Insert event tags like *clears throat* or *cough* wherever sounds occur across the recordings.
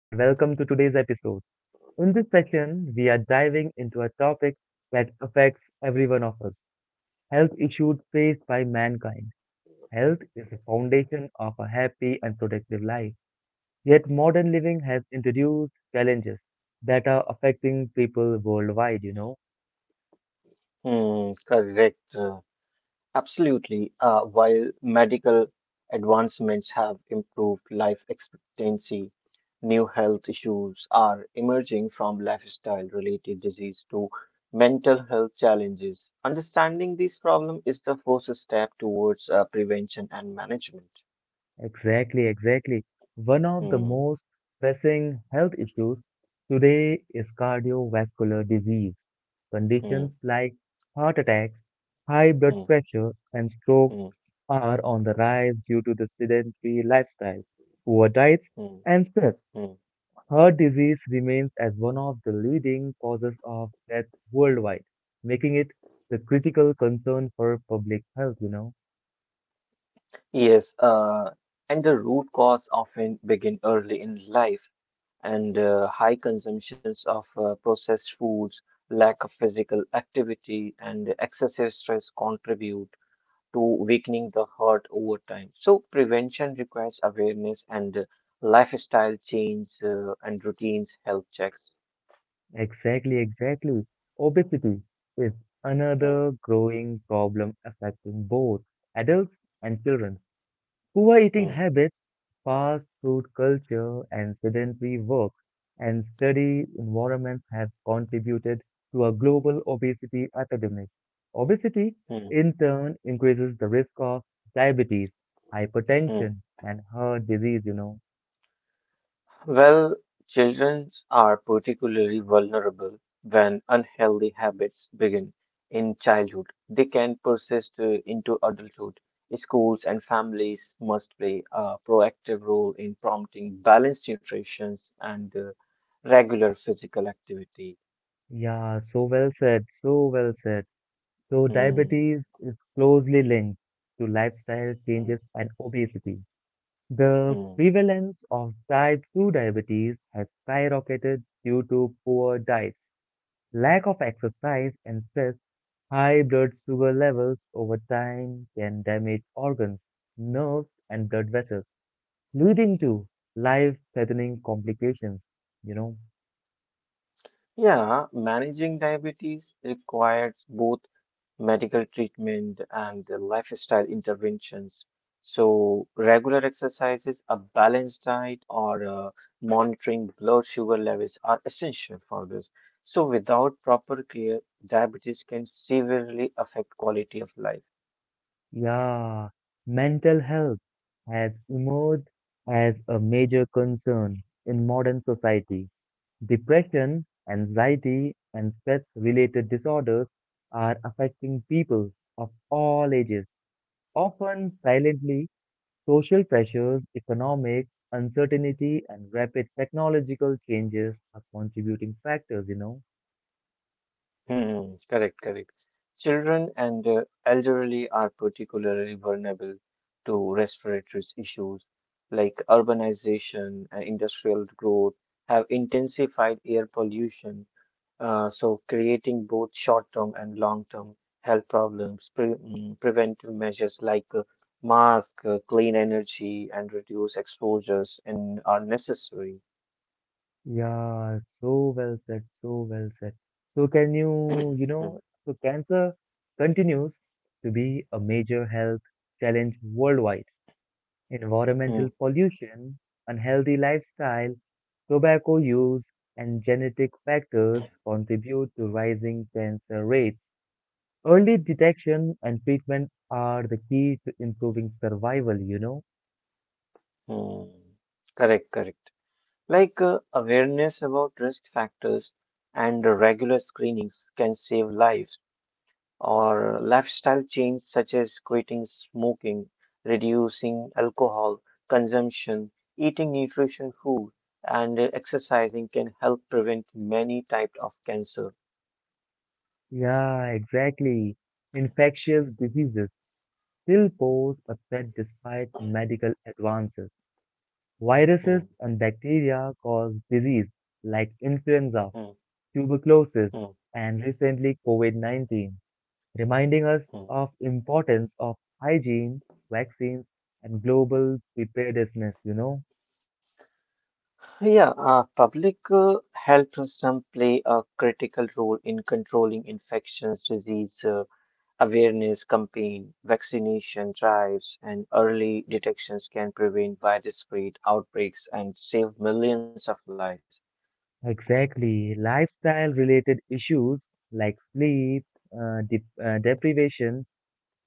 and welcome to today's episode. In this session, we are diving into a topic that affects every one of us, health issues faced by mankind. Health is the foundation of a happy and productive life. Yet, modern living has introduced challenges that are affecting people worldwide. Hmm, correct. Absolutely. While medical advancements have improved life expectancy, new health issues are emerging from lifestyle related disease to mental health challenges. Understanding these problems is the first step towards prevention and management. Exactly, exactly. One of the Hmm, most pressing health issues today is cardiovascular disease. hmm, Conditions like heart attacks, high blood hmm, pressure, and strokes hmm, are on the rise due to the sedentary lifestyle, poor diets, hmm, and stress. hmm. Heart disease remains as one of the leading causes of death worldwide, making it the critical concern for public health. Yes, and the root cause often begin early in life. And high consumptions of processed foods, lack of physical activity, and excessive stress contribute to weakening the heart over time. So, prevention requires awareness and lifestyle change and routines, health checks. Exactly, exactly. Obesity is Mm, another growing problem affecting both adults and children. Poor eating mm, habits, fast food culture, and sedentary work and study environments have contributed to a global obesity epidemic. Obesity, mm, in turn, increases the risk of diabetes, mm. hypertension, and heart disease. Well, children are particularly vulnerable when unhealthy habits begin in childhood. They can persist into adulthood. Schools and families must play a proactive role in prompting balanced nutrition and regular physical activity. Yeah, so well said, so well said. So, Hmm, diabetes is closely linked to lifestyle hmm, changes and obesity. The hmm. prevalence of type 2 diabetes has skyrocketed due to poor diets, lack of exercise and stress. High blood sugar levels over time can damage organs, nerves and blood vessels, leading to life-threatening complications. You know, Yeah, managing diabetes requires both medical treatment, and the lifestyle interventions. So, regular exercises, a balanced diet, or monitoring blood sugar levels are essential for this. So, without proper care, diabetes can severely affect quality of life. yeah, mental health has emerged as a major concern in modern society. Depression, anxiety, and stress related disorders are affecting people of all ages, often silently. Social pressures, economic uncertainty, and rapid technological changes are contributing factors. Hmm, correct, correct. Children and elderly are particularly vulnerable to respiratory issues like urbanization and industrial growth have intensified air pollution. So, creating both short term and long term health problems, preventive measures like mask, clean energy, and reduce exposures in, are necessary. Yeah, so well said, so well said. So, can you, *clears throat* you Mm, know, so cancer continues to be a major health challenge worldwide. Environmental mm, pollution, unhealthy lifestyle, tobacco use, and genetic factors contribute to rising cancer rates. Early detection and treatment are the key to improving survival. mm. Correct, correct. Like awareness about risk factors and regular screenings can save lives, or lifestyle change such as quitting smoking, reducing alcohol consumption, eating nutrition food and exercising can help prevent many types of cancer. Yeah, exactly. Infectious diseases still pose a threat despite medical advances. Viruses Mm, and bacteria cause disease like influenza, mm, tuberculosis, mm, and recently COVID-19, reminding us mm. of importance of hygiene, vaccines, and global preparedness. Yeah, public health system play a critical role in controlling infections, disease awareness campaign, vaccination drives, and early detections can prevent widespread outbreaks and save millions of lives. Exactly. Lifestyle related issues like sleep, deprivation,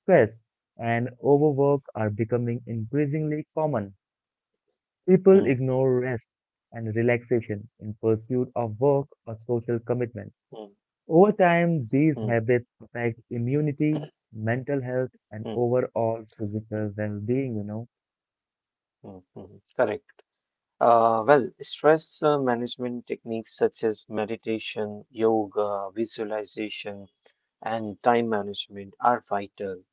stress, and overwork are becoming increasingly common. People Mm, ignore rest and relaxation in pursuit of work or social commitments. mm, Over time, mm, these habits affect immunity, mental health, mm, and overall mm, physical well-being. mm, mm. Correct. Well, stress management techniques such as meditation, yoga, visualization, and time management are vital.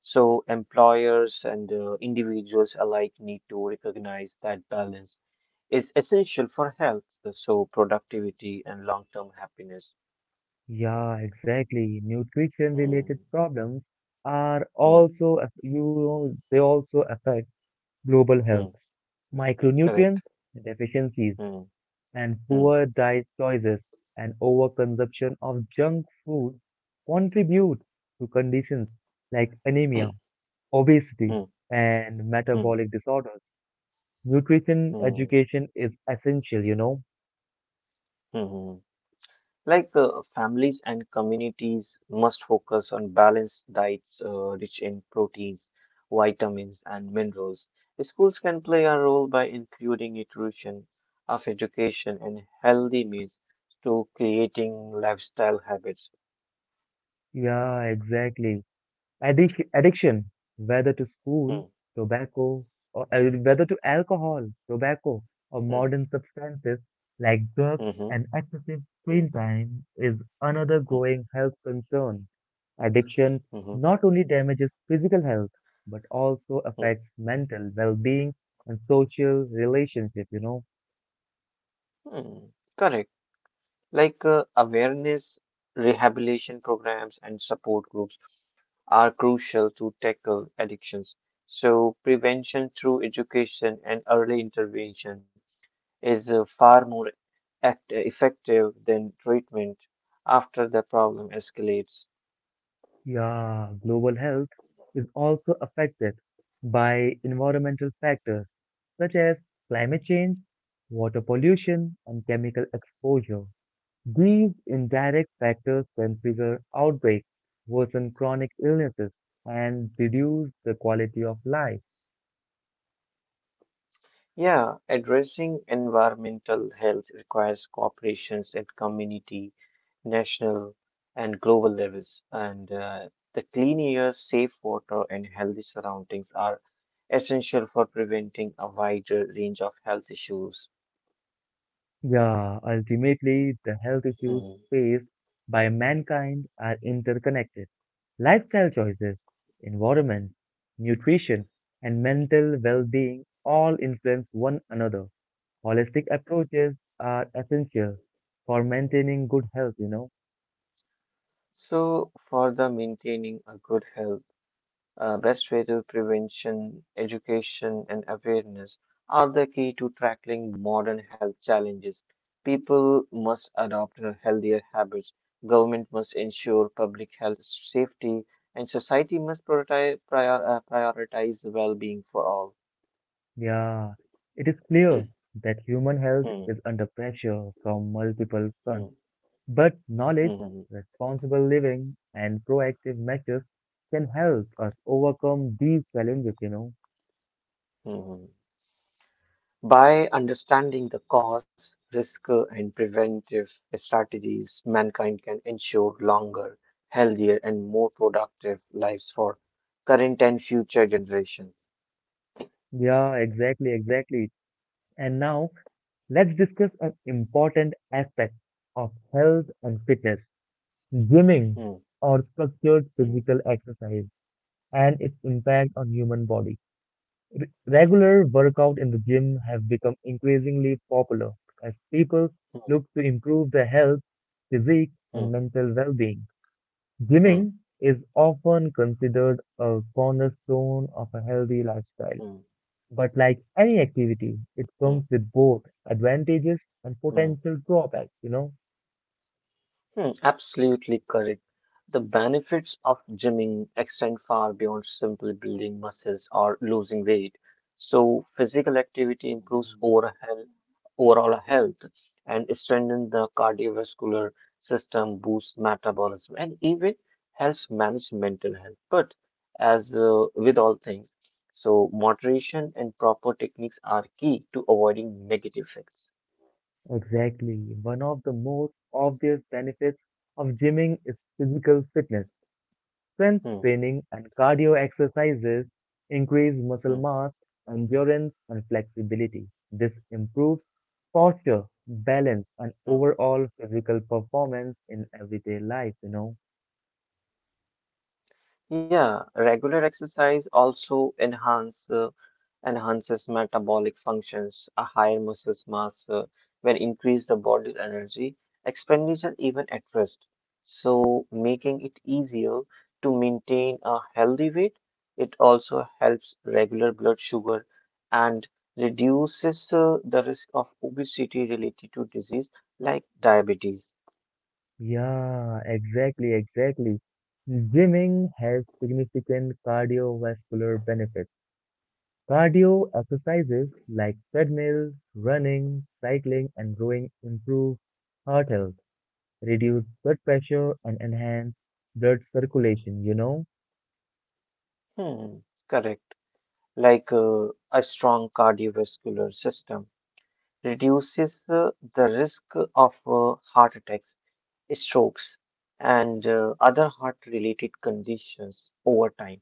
So, employers and individuals alike need to recognize that balance is essential for health, so productivity and long-term happiness. Yeah, exactly. Nutrition-related Mm, problems are mm, also, aff- you know, they also affect global health. mm, Micronutrients correct. deficiencies Mm, and mm, poor diet choices and overconsumption of junk food contribute to conditions like anemia, obesity, mm, and mm, metabolic disorders. Nutrition mm, education is essential. mm. Like families and communities must focus on balanced diets rich in proteins, vitamins, and minerals. Schools can play a role by including nutrition of education and healthy meals to creating lifestyle habits. Yeah, exactly. Addiction, whether to school, Hmm, tobacco, or whether to alcohol, tobacco, or hmm, modern substances like drugs mhm, and excessive hmm, screen time, is another hmm, growing health concern. Addiction mhm, not only damages physical health, but also hmm, hmm, affects mental well being and social relationships. hmm, hmm. Correct. Like awareness, rehabilitation programs, and support groups are crucial to tackle addictions. So, prevention through education and early intervention is far more effective than treatment after the problem escalates. Yeah, global health is also affected by environmental factors such as climate change, water pollution, and chemical exposure. These indirect factors can trigger outbreaks, worsen chronic illnesses, and reduce the quality of life. Yeah, addressing environmental health requires cooperations at community, national, and global levels. And the clean air, safe water, and healthy surroundings are essential for preventing a wider range of health issues. Yeah, ultimately, the health issues Mm. faced by mankind are interconnected. Lifestyle choices, environment, nutrition, and mental well being all influence one another. Holistic approaches are essential for maintaining good health. So, for the maintaining a good health, best way to prevention, education, and awareness are the key to tackling modern health challenges. People must adopt a healthier habits. Government must ensure public health safety, and society must prioritize well-being for all. Yeah, it is clear that human health Hmm. is under pressure from multiple Hmm. fronts, but knowledge, Hmm. Hmm. responsible living, and proactive measures can help us overcome these challenges. Hmm. Hmm. By understanding the cause, risk, and preventive strategies, mankind can ensure longer, healthier, and more productive lives for current and future generations. Yeah, exactly, exactly. And now, let's discuss an important aspect of health and fitness, gymming, Hmm, or structured hmm, physical exercise, and its impact on human body. Regular workout in the gym have become increasingly popular as people hmm, look to improve their health, physique and hmm, mental well-being. hmm, Gymming is often considered a cornerstone of a healthy lifestyle, hmm, hmm, but like any activity, it comes hmm, with both advantages and hmm. potential drawbacks, you know? Hmm, absolutely correct. The benefits of gymming extend far beyond simply building muscles or losing weight. So, physical activity improves overall health and strengthens the cardiovascular system, boosts metabolism, and even helps manage mental health. But as with all things, so moderation and proper techniques are key to avoiding negative effects. Exactly. One of the most obvious benefits of gymming is physical fitness. Strength Hmm, training and cardio exercises increase muscle hmm, mass, endurance, and flexibility. This improves posture, balance, and hmm. overall physical performance in everyday life, you know? Yeah, regular exercise also enhances metabolic functions, a higher muscle mass will increase the body's energy expenditure even at rest. So making it easier to maintain a healthy weight, it also helps regular blood sugar and reduces the risk of obesity related to disease like diabetes. Yeah, exactly, exactly. Gymming has significant cardiovascular benefits. Cardio exercises like treadmill, running, cycling, and rowing improve heart health, reduce blood pressure, and enhance blood circulation, you know? Hmm, correct. Like a strong cardiovascular system, reduces the risk of heart attacks, strokes, and other heart related conditions over time.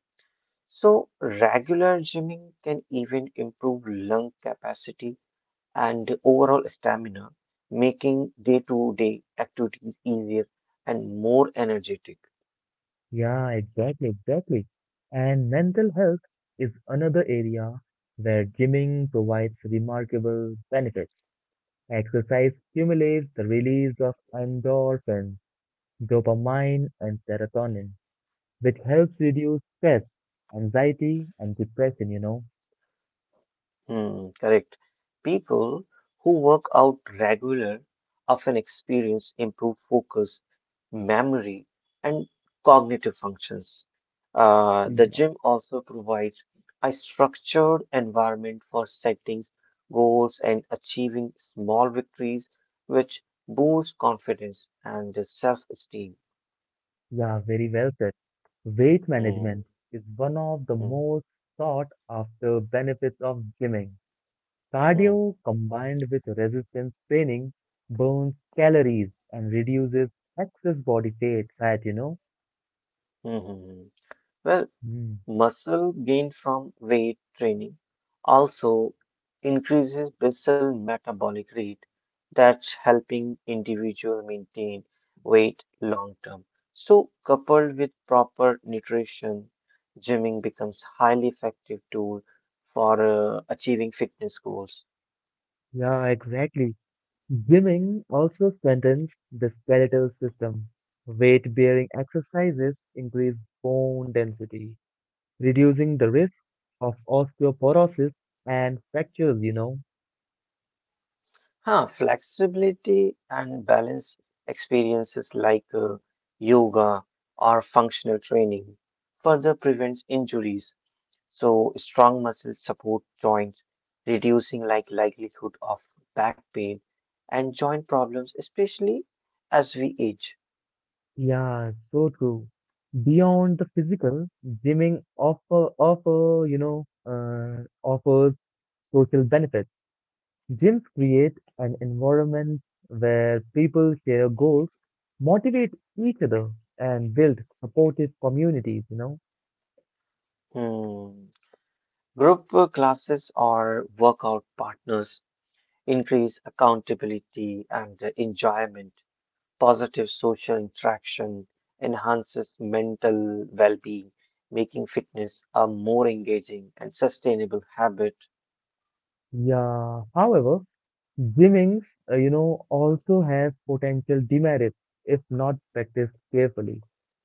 So, regular gymming can even improve lung capacity and overall stamina, making day to day activities easier and more energetic. Yeah, exactly, exactly. And mental health is another area where gymming provides remarkable benefits. Exercise stimulates the release of endorphins, dopamine and serotonin, which helps reduce stress, anxiety, and depression. Hmm, correct. People who work out regular often experience improved focus, memory, and cognitive functions. The Yeah, gym also provides a structured environment for setting goals and achieving small victories, which boosts confidence and self-esteem. yeah, very well said. Weight Hmm, management is one of the hmm, most sought after benefits of gymming. hmm, Cardio combined with resistance training burns calories and reduces excess body fat. hmm, hmm, hmm. Well, Mm. muscle gained from weight training also increases basal metabolic rate, that's helping individual maintain weight long term. So, coupled with proper nutrition, gymming becomes highly effective tool for achieving fitness goals. Yeah, exactly. Gymming also strengthens the skeletal system. Weight bearing exercises increase bone density, reducing the risk of osteoporosis and fractures. Huh, flexibility and balance experiences like yoga or functional training further prevents injuries. So strong muscles support joints, reducing like likelihood of back pain and joint problems, especially as we age. Yeah, so true. Beyond the physical, gymming offers social benefits. Gyms create an environment where people share goals, motivate each other, and build supportive communities. Hmm. Group work classes or workout partners increase accountability and enjoyment. Positive social interaction enhances mental well-being, making fitness a more engaging and sustainable habit. Yeah. However, gymming also has potential demerits if not practiced carefully.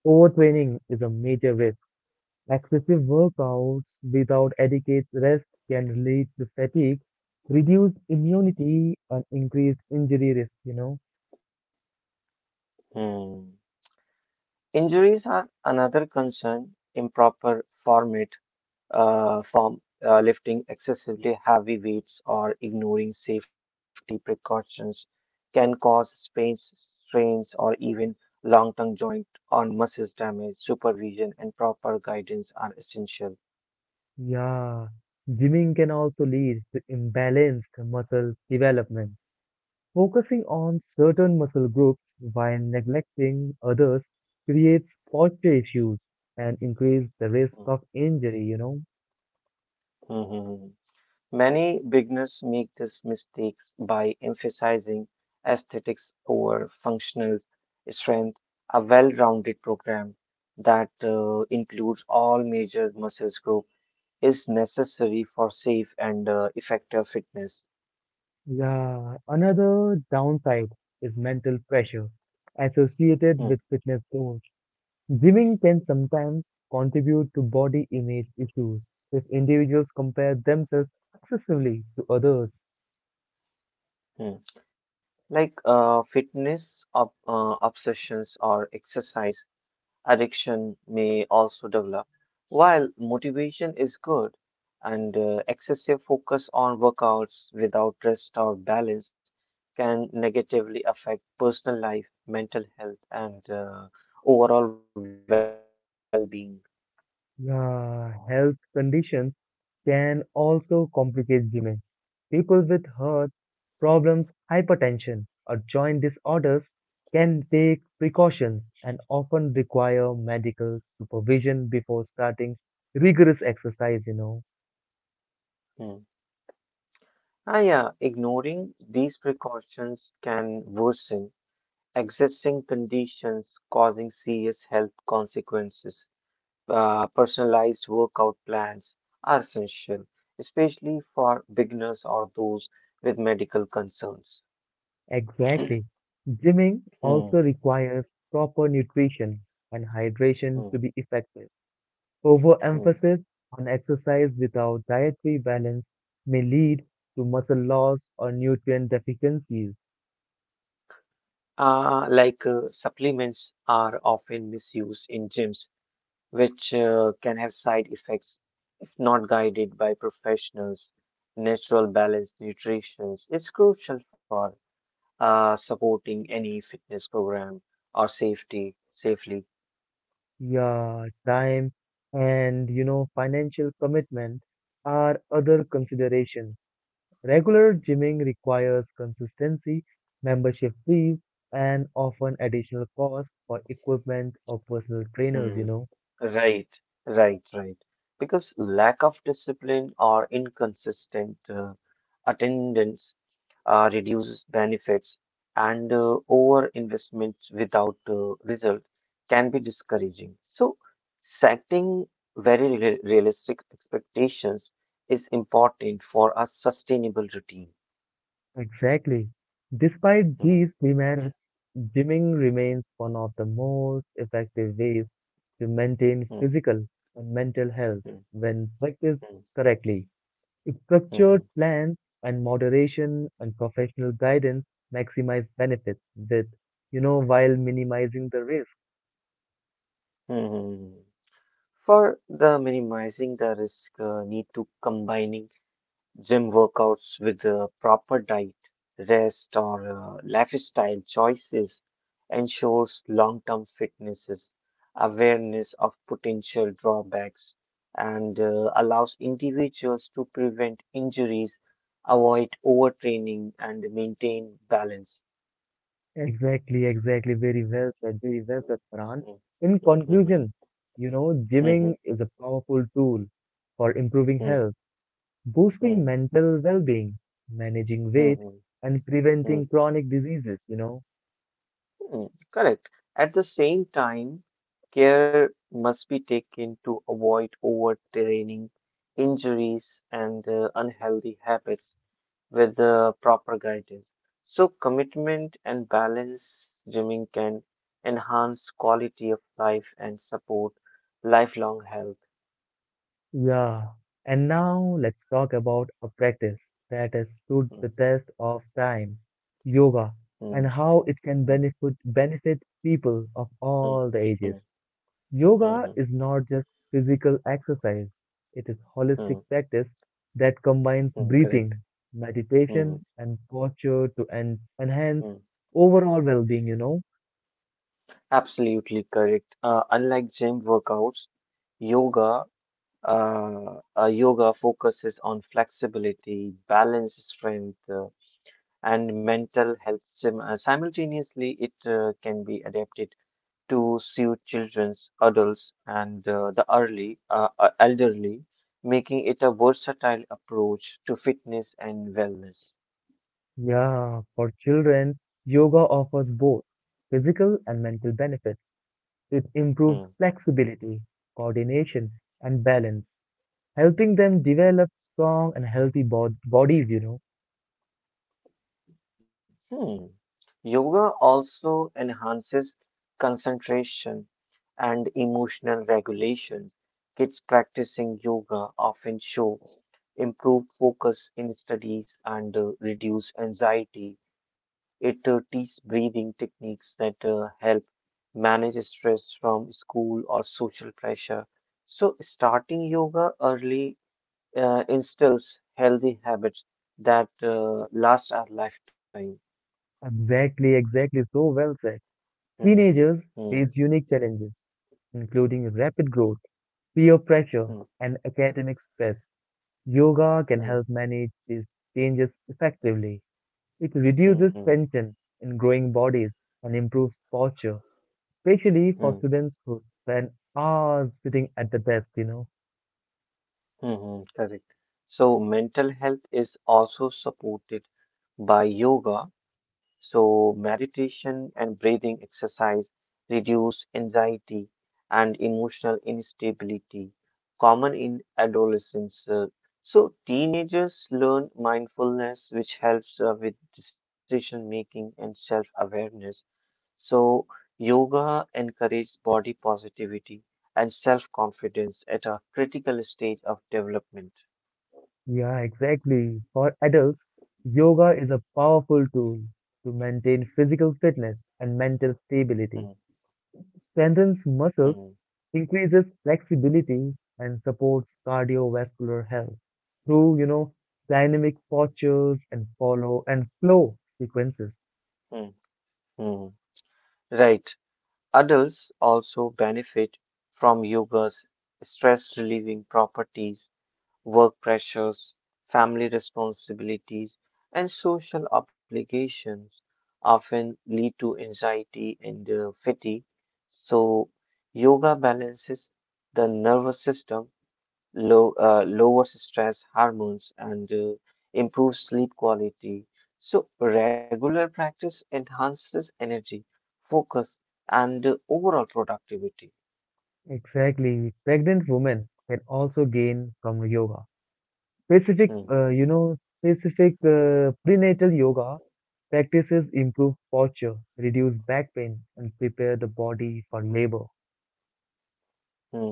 Overtraining is a major risk. Excessive workouts without adequate rest can lead to fatigue, reduced immunity, and increased injury risk. Hmm. Injuries are another concern. Improper form, lifting excessively heavy weights or ignoring safety precautions can cause sprains, strains, or even long-term joint or muscles damage. Supervision and proper guidance are essential. Yeah. Gymming can also lead to imbalanced muscle development. Focusing on certain muscle groups while neglecting others creates posture issues and increase the risk of injury. Mhm. Many beginners make this mistakes by emphasizing aesthetics over functional strength. A well-rounded program that includes all major muscles group is necessary for safe and effective fitness. Yeah, another downside is mental pressure associated Hmm, with fitness goals. Gymming can sometimes contribute to body image issues if individuals compare themselves excessively to others. hmm. Like fitness obsessions or exercise addiction may also develop. While motivation is good and excessive focus on workouts without rest or balance can negatively affect personal life, mental health, and overall well being. Yeah, health conditions can also complicate Gime. People with heart problems, hypertension, or joint disorders can take precautions and often require medical supervision before starting rigorous exercise. Mm. Yeah, ignoring these precautions can worsen existing conditions causing serious health consequences. Personalized workout plans are essential, especially for beginners or those with medical concerns. Exactly. Gymming also Hmm, requires proper nutrition and hydration to hmm, be effective. hmm. Overemphasis on exercise without dietary balance may lead to muscle loss or nutrient deficiencies. Like, supplements are often misused in gyms, which can have side effects if not guided by professionals. Natural balanced nutrition is crucial for supporting any fitness program or safety safely. Yeah, time and financial commitment are other considerations. Regular gymming requires consistency, membership fees, and often additional costs for equipment or personal trainers, Hmm. you know. Right, right, right. Because lack of discipline or inconsistent attendance reduces benefits, and over investments without result can be discouraging. So, setting very realistic expectations is important for a sustainable routine. Exactly. Despite Hmm, these demerits, gymming remains one of the most effective ways to maintain hmm, physical and mental health hmm, when practiced hmm, correctly. Structured hmm, plans and moderation and professional guidance maximize benefits while minimizing the risk. hmm, hmm, hmm. For the minimizing the risk, need to combining gym workouts with proper diet, rest, or lifestyle choices ensures long-term fitness, is awareness of potential drawbacks, and allows individuals to prevent injuries, avoid overtraining, and maintain balance. Exactly, exactly. Very well said, Farhan. Mm, In mhm, conclusion, mhm, gymming is a powerful tool for improving mhm, health, boosting mhm, mental well-being, managing weight, mhm, and preventing mhm. chronic diseases. Hmm, correct. At the same time, care must be taken to avoid overtraining, injuries, and unhealthy habits with proper guidance. So, commitment and balance gymming can enhance quality of life and support lifelong health. Yeah, and now let's talk about a practice that has stood the Hmm, test of time, yoga, and hmm, how it can hmm, benefit people of hmm, all the ages. hmm, hmm, Yoga hmm, is not just physical exercise, it is holistic hmm, practice that combines hmm, correct. breathing, Hmm, hmm, meditation, and posture to en enhance hmm. overall well-being, you know? Absolutely correct. Unlike gym workouts, yoga focuses on flexibility, balance, strength, and mental health. Simultaneously, it can be adapted to suit children's, adults, and the early elderly, making it a versatile approach to fitness and wellness. Yeah, for children, yoga offers both physical and mental benefits. It improves Hmm. flexibility, coordination, and balance, helping them develop strong and healthy bodies, you know. Hmm. Yoga also enhances concentration and emotional regulation. Kids practicing yoga often show improved focus in studies, and reduced anxiety. It teaches breathing techniques that help manage stress from school or social pressure. So, starting yoga early instills healthy habits that last our lifetime. Exactly, exactly. So well said. Hmm, Teenagers face hmm, unique challenges, including rapid growth, peer pressure, hmm, and academic stress. Yoga can hmm, help manage these changes effectively. It hmm, reduces tension in growing bodies and improves posture, especially for hmm, students who spend hours sitting at the desk, you know. hmm, hmm. Correct. So, mental health is also supported by yoga. So, meditation and breathing exercise reduce anxiety and emotional instability, common in adolescence. So, teenagers learn mindfulness, which helps with decision making and self awareness. So, yoga encourages body positivity and self confidence at a critical stage of development. Yeah, exactly. For adults, yoga is a powerful tool to maintain physical fitness and mental Mm, stability. Strengthens muscles, mm, increases flexibility, and supports cardiovascular health through, dynamic postures and follow and flow sequences. mm, mm. Right. Adults also benefit from yoga's stress relieving properties, work pressures, family responsibilities, and social obligations often lead to anxiety and fatigue. So, yoga balances the nervous system lowers stress hormones and improves sleep quality. So, regular practice enhances energy, focus, and overall productivity. Exactly. Pregnant women can also gain from yoga. Specific, Hmm, uh, you know, specific uh, prenatal yoga practices improve posture, reduce back pain, and prepare the body for labor. hmm.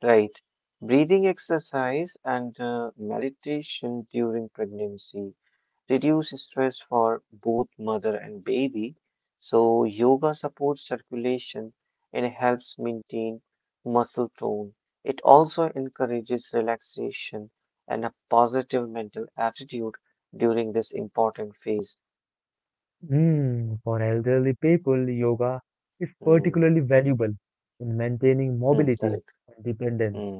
Right. Breathing exercise and meditation during pregnancy reduce stress for both mother and baby. So, yoga supports circulation and helps maintain muscle tone. It also encourages relaxation and a positive mental attitude during this important phase. Mm, for elderly people, yoga is Hmm, particularly valuable in maintaining hmm, mobility correct. and dependence. Hmm,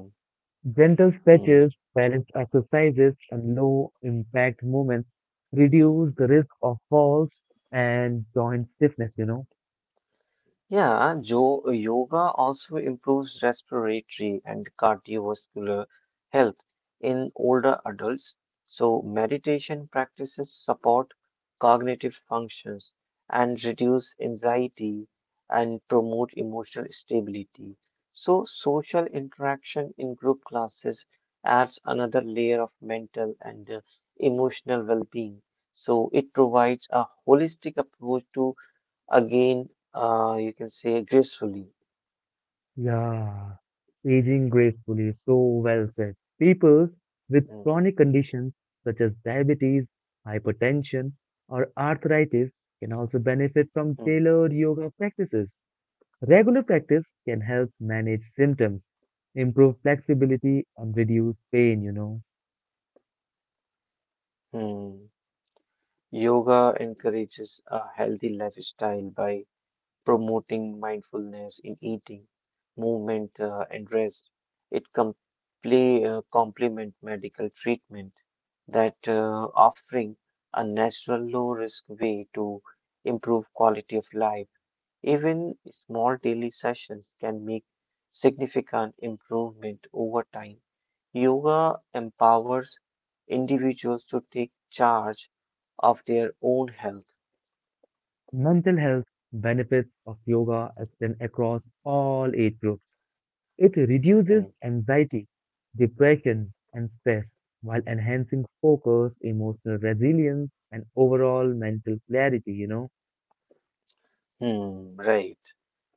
Gentle hmm. stretches, balanced exercises, and low impact movements reduce the risk of falls and joint stiffness. Yeah, yoga also improves respiratory and cardiovascular health in older adults. So, meditation practices support cognitive functions and reduce anxiety and promote emotional stability. So, social interaction in group classes adds another layer of mental and emotional well being. So, it provides a holistic approach to again, you can say gracefully. Yeah, aging gracefully, so well said. People with Mm, chronic conditions such as diabetes, hypertension, or arthritis can also benefit from mm, tailored yoga practices. Regular practice can help manage symptoms, improve flexibility, and reduce pain. mm. Yoga encourages a healthy lifestyle by promoting mindfulness in eating, movement, and rest. It complement medical treatment that offering a natural low risk way to improve quality of life. Even small daily sessions can make significant improvement over time. Yoga empowers individuals to take charge of their own health. Mental health benefits of yoga extend across all age groups. It Mhm, reduces anxiety, depression, and stress while enhancing focus, emotional resilience, and overall mental clarity. right.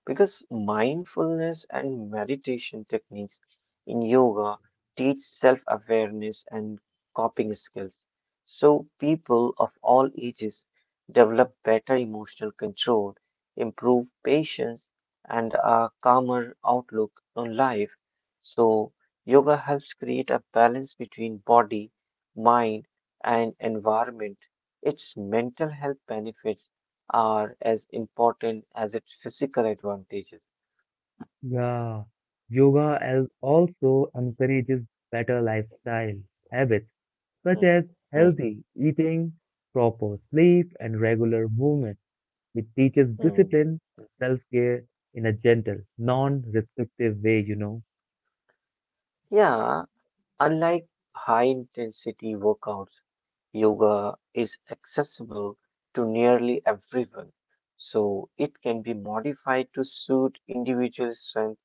Because mindfulness and meditation techniques in yoga teach self awareness and coping skills. So, people of all ages develop better emotional control, improve patience, and a calmer outlook on life. So, yoga helps create a balance between body, mind, and environment. Its mental health benefits are as important as its physical advantages. Yeah, yoga also encourages better lifestyle habits such Mm, as mhm, healthy eating, proper sleep, and regular movement. It teaches mm. discipline and self care in a gentle, non restrictive way, you know. Yeah, unlike high intensity workouts, yoga is accessible to nearly everyone. So it can be modified to suit individual strength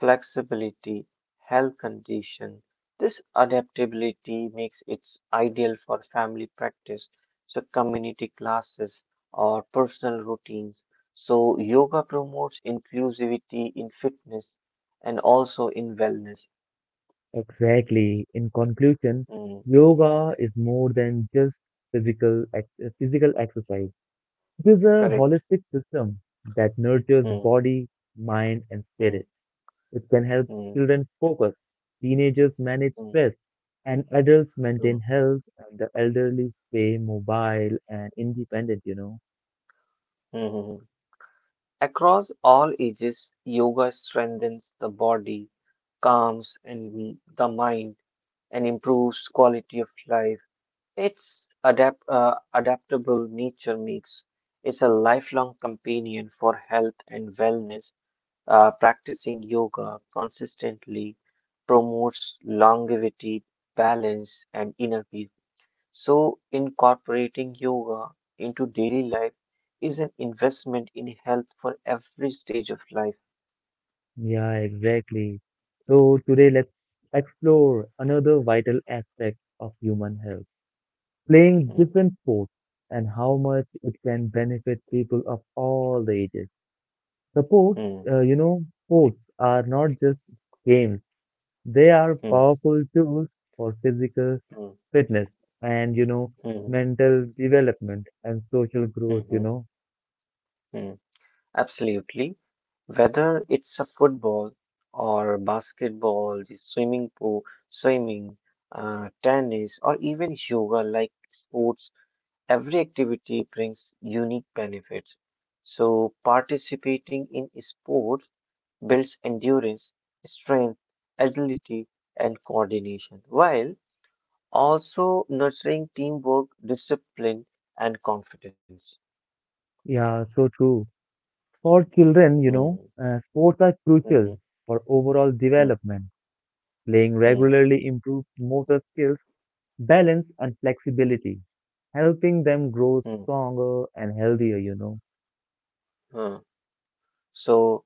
flexibility, health condition. This adaptability makes it ideal for family practice, so community classes or personal routines. So yoga promotes inclusivity in fitness and also in wellness. Exactly. In conclusion, Mm, yoga is more than just physical ex physical exercise. It is a correct. holistic system that nurtures Mm, body, mind, and mm, spirit. It can help mm, children focus, teenagers manage mm, stress, and adults maintain mm, health, and the elderly stay mobile and independent, you know. mm, mm. Across all ages, yoga strengthens the body, calms and the mind, and improves quality of life. It's adaptable nature makes it a lifelong companion for health and wellness. Uh, practicing yoga consistently promotes longevity, balance, and inner peace. So, incorporating yoga into daily life is an investment in health for every stage of life. Yeah, exactly. So today let's explore another vital aspect of human health, playing Mm, different sports, and how much it can benefit people of all the ages. Supports, mm, sports are not just games, they are mm, powerful tools for physical mm, fitness and mm, mm, mental development and social growth, you mm, know. mm. Absolutely. Whether it's a football or basketball, the swimming pool, swimming, tennis, or even yoga like sports, every activity brings unique benefits. So, participating in sports builds endurance, strength, agility, and coordination, while also nurturing teamwork, discipline, and confidence. Yeah, so true. For children, you Hmm, know, uh, sports are mhm, crucial for overall hmm, development. Playing hmm, regularly improves motor skills, balance and flexibility, helping them grow hmm, stronger and healthier. hmm. So,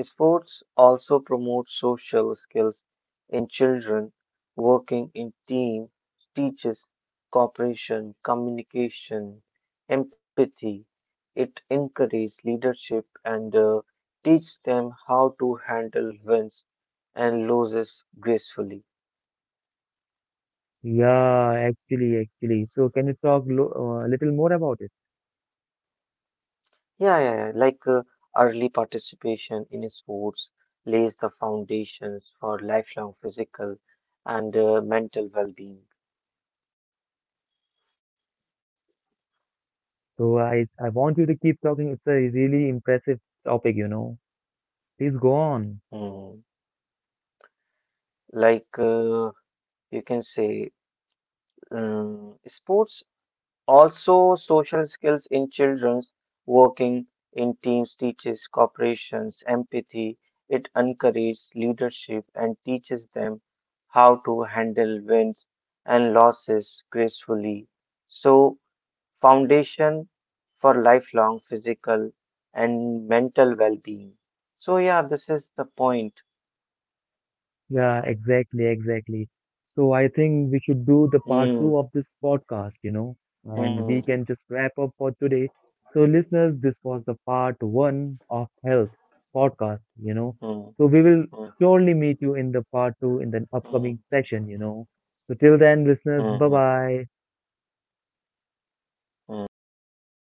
sports also promote social skills in children. Working in team teaches cooperation, communication, empathy. It encourages leadership and teach them how to handle wins and losses gracefully. Yeah, actually, actually. So can you talk lo a little more about it? Yeah, yeah, yeah. Like early participation in sports lays the foundations for lifelong physical and mental well-being. So I want you to keep talking. It's a really impressive topic, you know. Please go on. Hmm. Like you can say sports also social skills in children's, working in teams teaches cooperations empathy. It encourages leadership and teaches them how to handle wins and losses gracefully. So foundation for lifelong physical and mental well-being. So, yeah, this is the point. Yeah, exactly, exactly. So I think we should do the part two Hmm. of this podcast, and we Hmm. can just wrap up for today. So, listeners, this was the part one of health podcast, you know. Hmm. Hmm. So we will Hmm. surely meet you in the part two in the upcoming session, you know. So till then, listeners, bye Hmm. Hmm. bye. Mm, okay, bye.